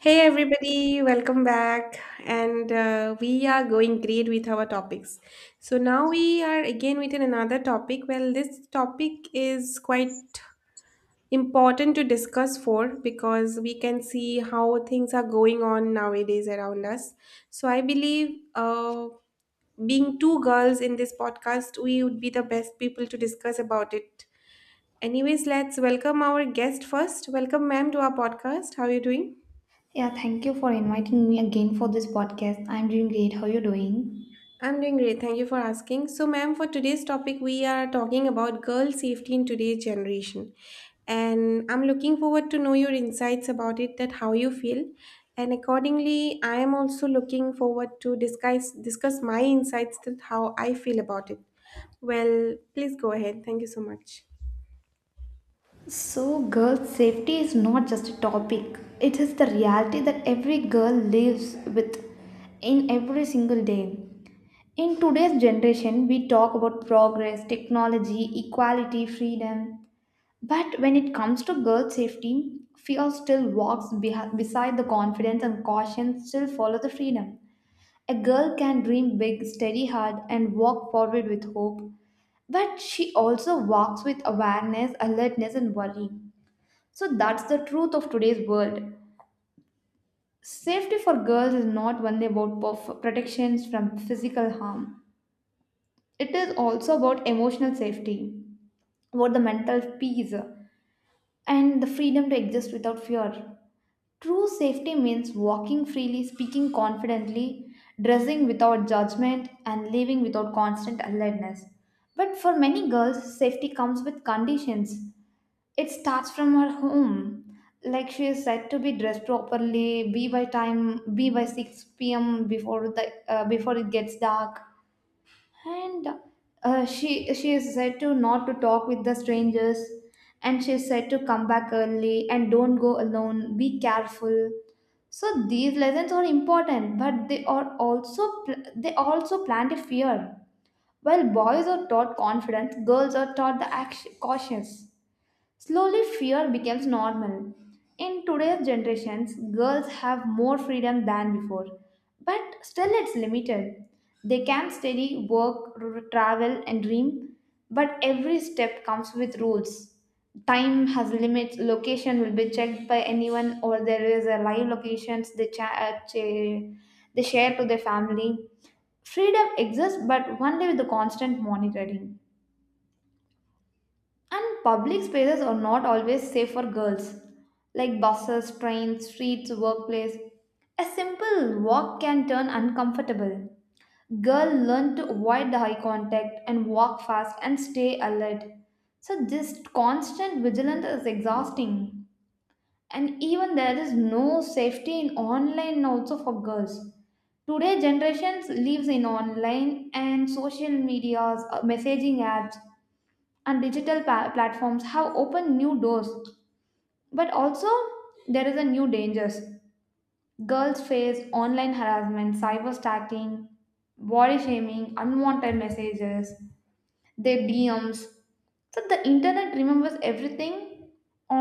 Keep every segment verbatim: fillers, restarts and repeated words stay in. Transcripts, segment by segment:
Hey everybody, welcome back. And uh, We are going great with our topics. So now we are again with another topic. Well, this topic is quite important to discuss for because we can see how things are going on nowadays around us. So I believe uh, being two girls in this podcast, we would be the best people to discuss about it. Anyways, let's welcome our guest first. Welcome, ma'am, to our podcast. How are you doing? Yeah, thank you for inviting me again for this podcast. I'm doing great. How are you doing? I'm doing great. Thank you for asking. So, ma'am, for today's topic, we are talking about girl safety in today's generation. And I'm looking forward to know your insights about it, that how you feel. And accordingly, I am also looking forward to discuss discuss my insights that how I feel about it. Well, please go ahead. Thank you so much. So, girl safety is not just a topic. It is the reality that every girl lives with in every single day. In today's generation, we talk about progress, technology, equality, freedom. But when it comes to girl safety, fear still walks behi- beside the confidence, and caution still follows the freedom. A girl can dream big, study hard, and walk forward with hope, but she also walks with awareness, alertness, and worry. So that's the truth of today's world. Safety for girls is not only about perf- protections from physical harm, it is also about emotional safety, about the mental peace, and the freedom to exist without fear. True safety means walking freely, speaking confidently, dressing without judgment, and living without constant alertness. But for many girls, safety comes with conditions. It starts from her home. Like, she is said to be dressed properly, be by time, be by six p m before the uh, before it gets dark, and uh, she she is said to not to talk with the strangers, and she is said to come back early and don't go alone, be careful. So these lessons are important, but they are also pl- they also plant a fear. While boys are taught confidence, girls are taught the action, cautious. Slowly, fear becomes normal. In today's generations, girls have more freedom than before, but still it's limited. They can study, work, r- travel, and dream, but every step comes with rules. Time has limits, location will be checked by anyone, or there is a live locations they, cha- uh, cha- they share to their family. Freedom exists, but only with the constant monitoring. And public spaces are not always safe for girls, like buses, trains, streets, workplace. A simple walk can turn uncomfortable. Girl learn to avoid the eye contact and walk fast and stay alert. So this constant vigilance is exhausting. And even there is no safety in online also for girls. Today generations lives in online and social medias, uh, messaging apps and digital pa- platforms have opened new doors, but also there is a new dangers. Girls face online harassment, cyber stalking, body shaming, unwanted messages, their dms. So the internet remembers everything.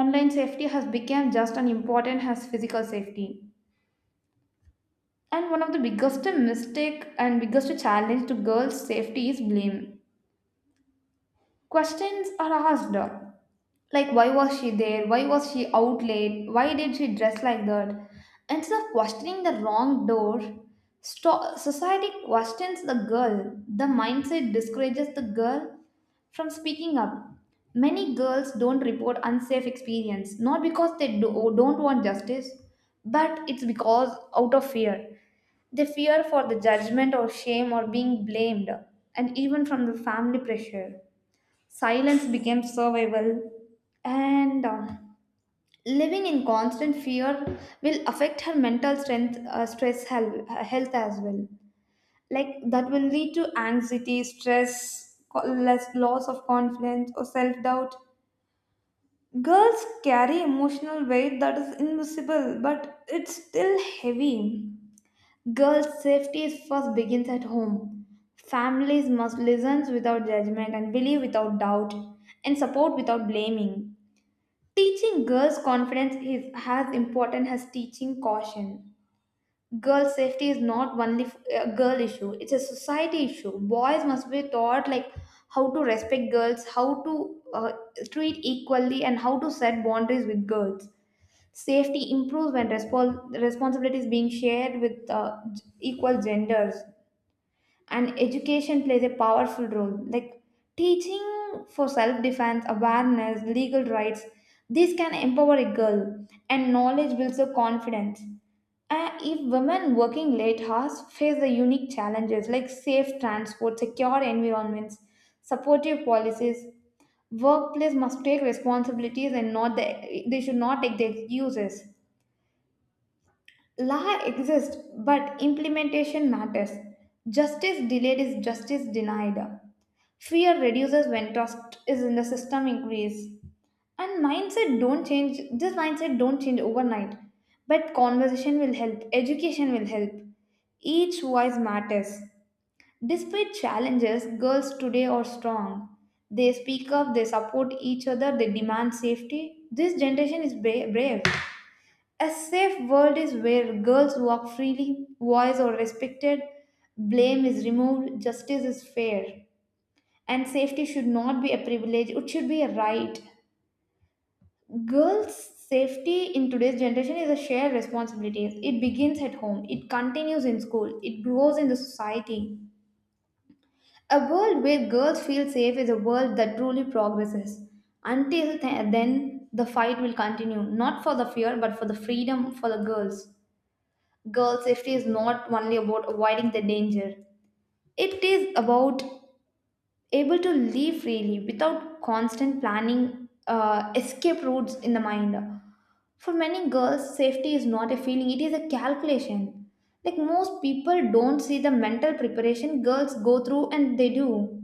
Online safety has become just as important as physical safety. And one of the biggest mistake and biggest challenge to girls safety is blame. Questions are asked, like, why was she there? Why was she out late? Why did she dress like that? Instead of questioning the wrong door, sto- society questions the girl. The mindset discourages the girl from speaking up. Many girls don't report unsafe experience, not because they do, don't want justice, but it's because out of fear. They fear for the judgment or shame or being blamed, and even from the family pressure. Silence became survival. And um, living in constant fear will affect her mental strength, uh, stress health, health as well. Like that will lead to anxiety, stress, co- less loss of confidence or self-doubt. Girls carry emotional weight that is invisible but it's still heavy. Girls safety is first begins at home. Families must listen without judgment and believe without doubt and support without blaming. Teaching girls confidence is as important as teaching caution. Girl safety is not only f- a girl issue, it's a society issue. Boys must be taught, like, how to respect girls, how to uh, treat equally, and how to set boundaries with girls. Safety improves when respons- responsibility is being shared with uh, g- equal genders. And education plays a powerful role, like teaching for self defense, awareness, legal rights. This can empower a girl, and knowledge builds her confidence. Uh, if women working late hours face the unique challenges, like safe transport, secure environments, supportive policies, workplace must take responsibilities and not the, they should not take the excuses. Law exists, but implementation matters. Justice delayed is justice denied. Fear reduces when trust is in the system increase. And mindset don't change. This mindset don't change overnight, but conversation will help. Education will help. Each voice matters. Despite challenges, girls today are strong. They speak up. They support each other. They demand safety. This generation is bra- brave. A safe world is where girls walk freely, voice are respected, blame is removed, justice is fair, and safety should not be a privilege, it should be a right. Girls' safety in today's generation is a shared responsibility. It begins at home, it continues in school, it grows in the society. A world where girls feel safe is a world that truly progresses. Until th- then, the fight will continue, not for the fear, but for the freedom for the girls. Girl safety is not only about avoiding the danger. It is about able to live freely without constant planning uh, escape routes in the mind. For many girls, safety is not a feeling, it is a calculation. Like, most people don't see the mental preparation girls go through and they do.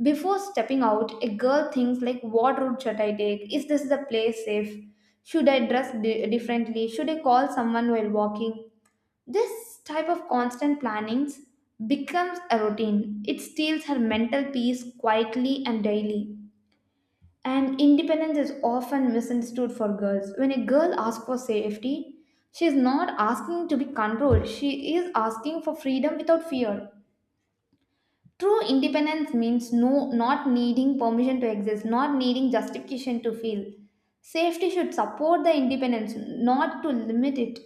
Before stepping out, a girl thinks, like, what route should I take? Is this the place safe? Should I dress di- differently? Should I call someone while walking? This type of constant plannings becomes a routine. It steals her mental peace quietly and daily. And independence is often misunderstood for girls. When a girl asks for safety, she is not asking to be controlled. She is asking for freedom without fear. True independence means no not needing permission to exist, not needing justification to feel. Safety should support the independence, not to limit it.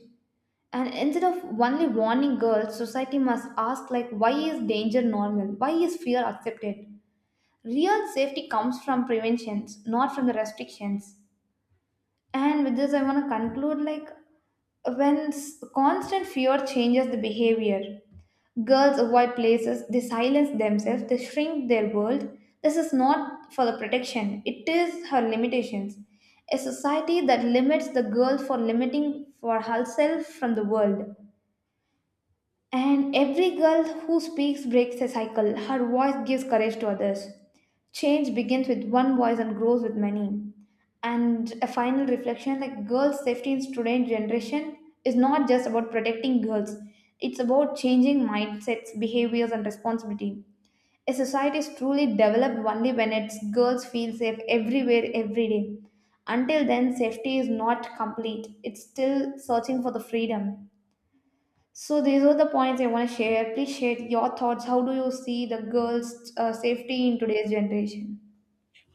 And instead of only warning girls, society must ask, like, why is danger normal? Why is fear accepted? Real safety comes from preventions, not from the restrictions. And with this I want to conclude, like, when s- constant fear changes the behavior. Girls avoid places, they silence themselves, they shrink their world. This is not for the protection, it is her limitations. A society that limits the girl for limiting for herself from the world. And every girl who speaks breaks a cycle. Her voice gives courage to others. Change begins with one voice and grows with many. And a final reflection, like, girls' safety in today's generation is not just about protecting girls, it's about changing mindsets, behaviors, and responsibility. A society is truly developed only when its girls feel safe everywhere, every day. Until then, safety is not complete, it's still searching for the freedom. So these are the points I want to share. Please share your thoughts. How do you see the girls' uh, safety in today's generation?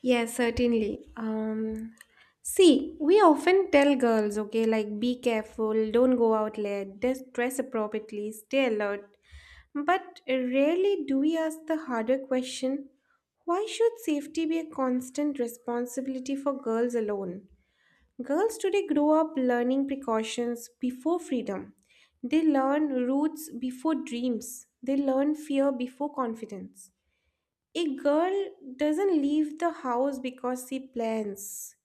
Yes, certainly. Um, see, we often tell girls, okay, like be careful, don't go out late, just dress appropriately, stay alert. But rarely do we ask the harder question: why should safety be a constant responsibility for girls alone? Girls today grow up learning precautions before freedom. They learn roots before dreams. They learn fear before confidence. A girl doesn't leave the house because she plans.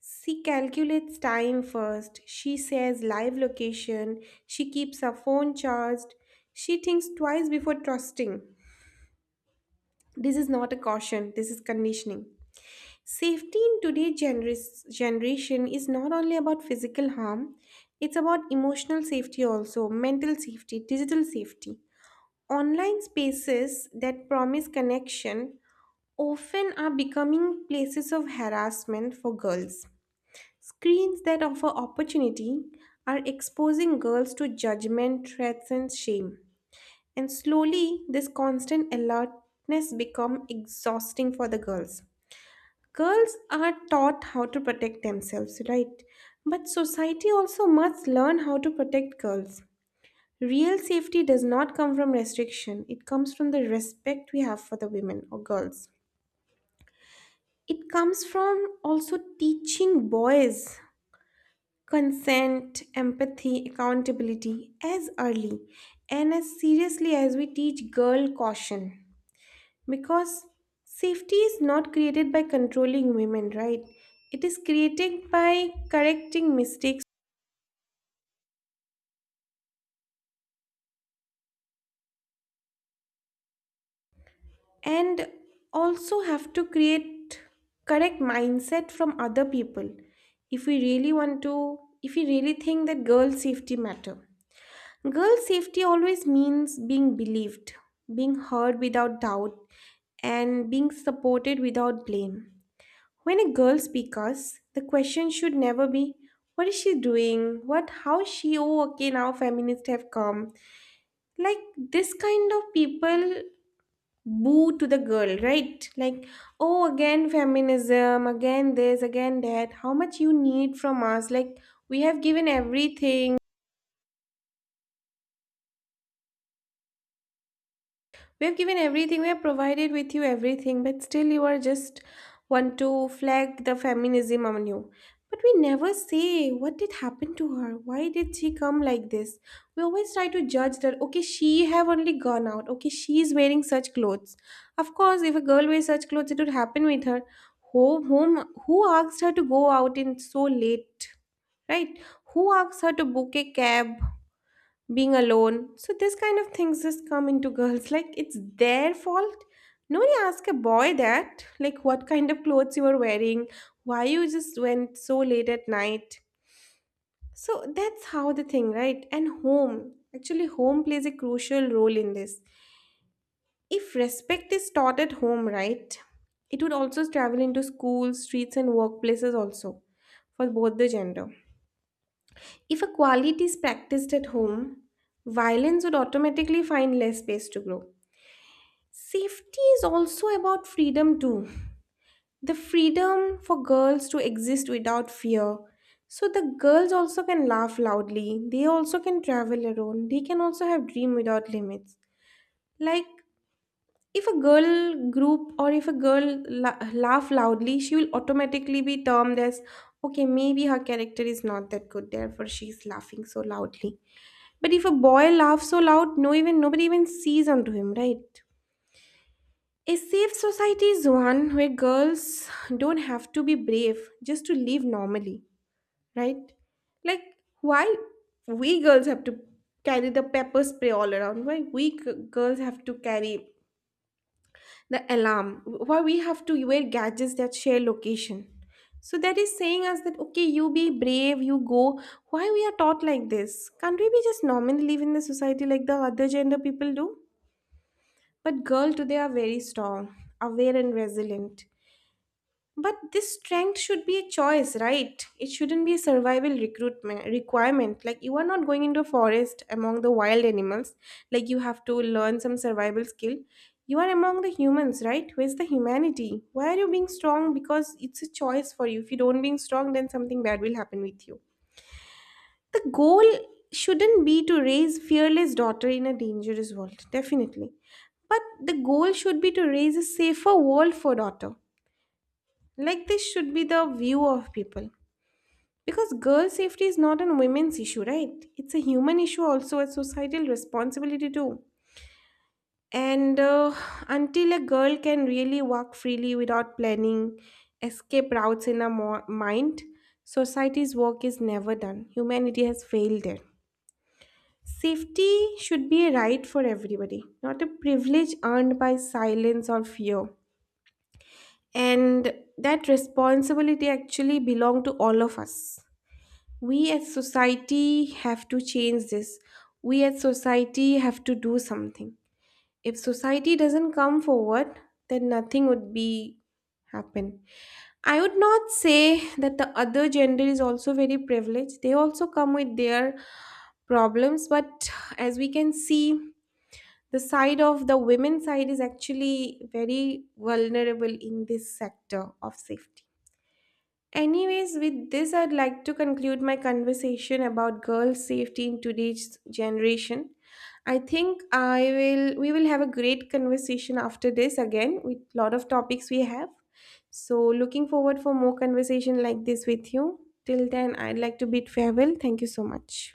She calculates time first. She says live location. She keeps her phone charged. She thinks twice before trusting. This is not a caution, this is conditioning. Safety in today's gener- generation is not only about physical harm, it's about emotional safety also, mental safety, digital safety. Online spaces that promise connection often are becoming places of harassment for girls. Screens that offer opportunity are exposing girls to judgment, threats, and shame. And slowly, this constant alertness become exhausting for the girls. Girls are taught how to protect themselves, right? But society also must learn how to protect girls. Real safety does not come from restriction, it comes from the respect we have for the women or girls. It comes from also teaching boys consent, empathy, accountability as early and as seriously as we teach girl caution. Because safety is not created by controlling women, right? It is created by correcting mistakes and also have to create correct mindset from other people if we really want to if we really think that girl safety matter. Girl safety always means being believed, being heard without doubt, and being supported without blame. When a girl speaks us, the question should never be, what is she doing? What, how she, oh, okay, now feminists have come. Like this kind of people boo to the girl, right? Like, oh, again feminism, again this, again that. How much you need from us? Like, we have given everything. we have given everything we have provided with you everything, but still you are just want to flag the feminism on you. But we never say what did happen to her, why did she come like this. We always try to judge that, okay, she have only gone out, okay, she is wearing such clothes. Of course, if a girl wears such clothes, it would happen with her. Who whom who asked her to go out in so late, right? Who asked her to book a cab, being alone. So this kind of things just come into girls like it's their fault. Nobody ask a boy that like what kind of clothes you are wearing, why you just went so late at night. So that's how the thing, right? And home. Actually home plays a crucial role in this. If respect is taught at home, right? It would also travel into schools, streets and workplaces also for both the gender. If a quality is practiced at home, violence would automatically find less space to grow. Safety is also about freedom, too. The freedom for girls to exist without fear. So the girls also can laugh loudly, they also can travel alone, they can also have dream without limits. Like if a girl group or if a girl la- laugh loudly, she will automatically be termed as okay, maybe her character is not that good, therefore she is laughing so loudly. But if a boy laughs so loud, no even nobody even sees onto him, right? A safe society is one where girls don't have to be brave just to live normally, right? Like why we girls have to carry the pepper spray all around? Why we g- girls have to carry the alarm, why we have to wear gadgets that share location, so that is saying us that okay you be brave you go. Why we are taught like this? Can't we be just normally live in the society like the other gender people do? But girl today are very strong, aware and resilient, but this strength should be a choice, right? It shouldn't be a survival recruitment requirement. Like you are not going into a forest among the wild animals. Like you have to learn some survival skill. You are among the humans, right? Where's the humanity? Why are you being strong? Because it's a choice for you. If you don't being strong, then something bad will happen with you. The goal shouldn't be to raise fearless daughter in a dangerous world, definitely. But the goal should be to raise a safer world for daughter, like this should be the view of people. Because girl safety is not a women's issue, right? It's a human issue, also a societal responsibility, too. And uh, Until a girl can really walk freely without planning, escape routes in her mo- mind, society's work is never done. Humanity has failed there. Safety should be a right for everybody, not a privilege earned by silence or fear. And that responsibility actually belongs to all of us. We as society have to change this, we as society have to do something. If society doesn't come forward, then nothing would be happen. I would not say that the other gender is also very privileged, they also come with their problems, but as we can see, the side of the women side is actually very vulnerable in this sector of safety. Anyways, with this, I'd like to conclude my conversation about girls' safety in today's generation. I think I will we will have a great conversation after this again with lot of topics we have. So looking forward for more conversation like this with you. Till then, I'd like to bid farewell. Thank you so much.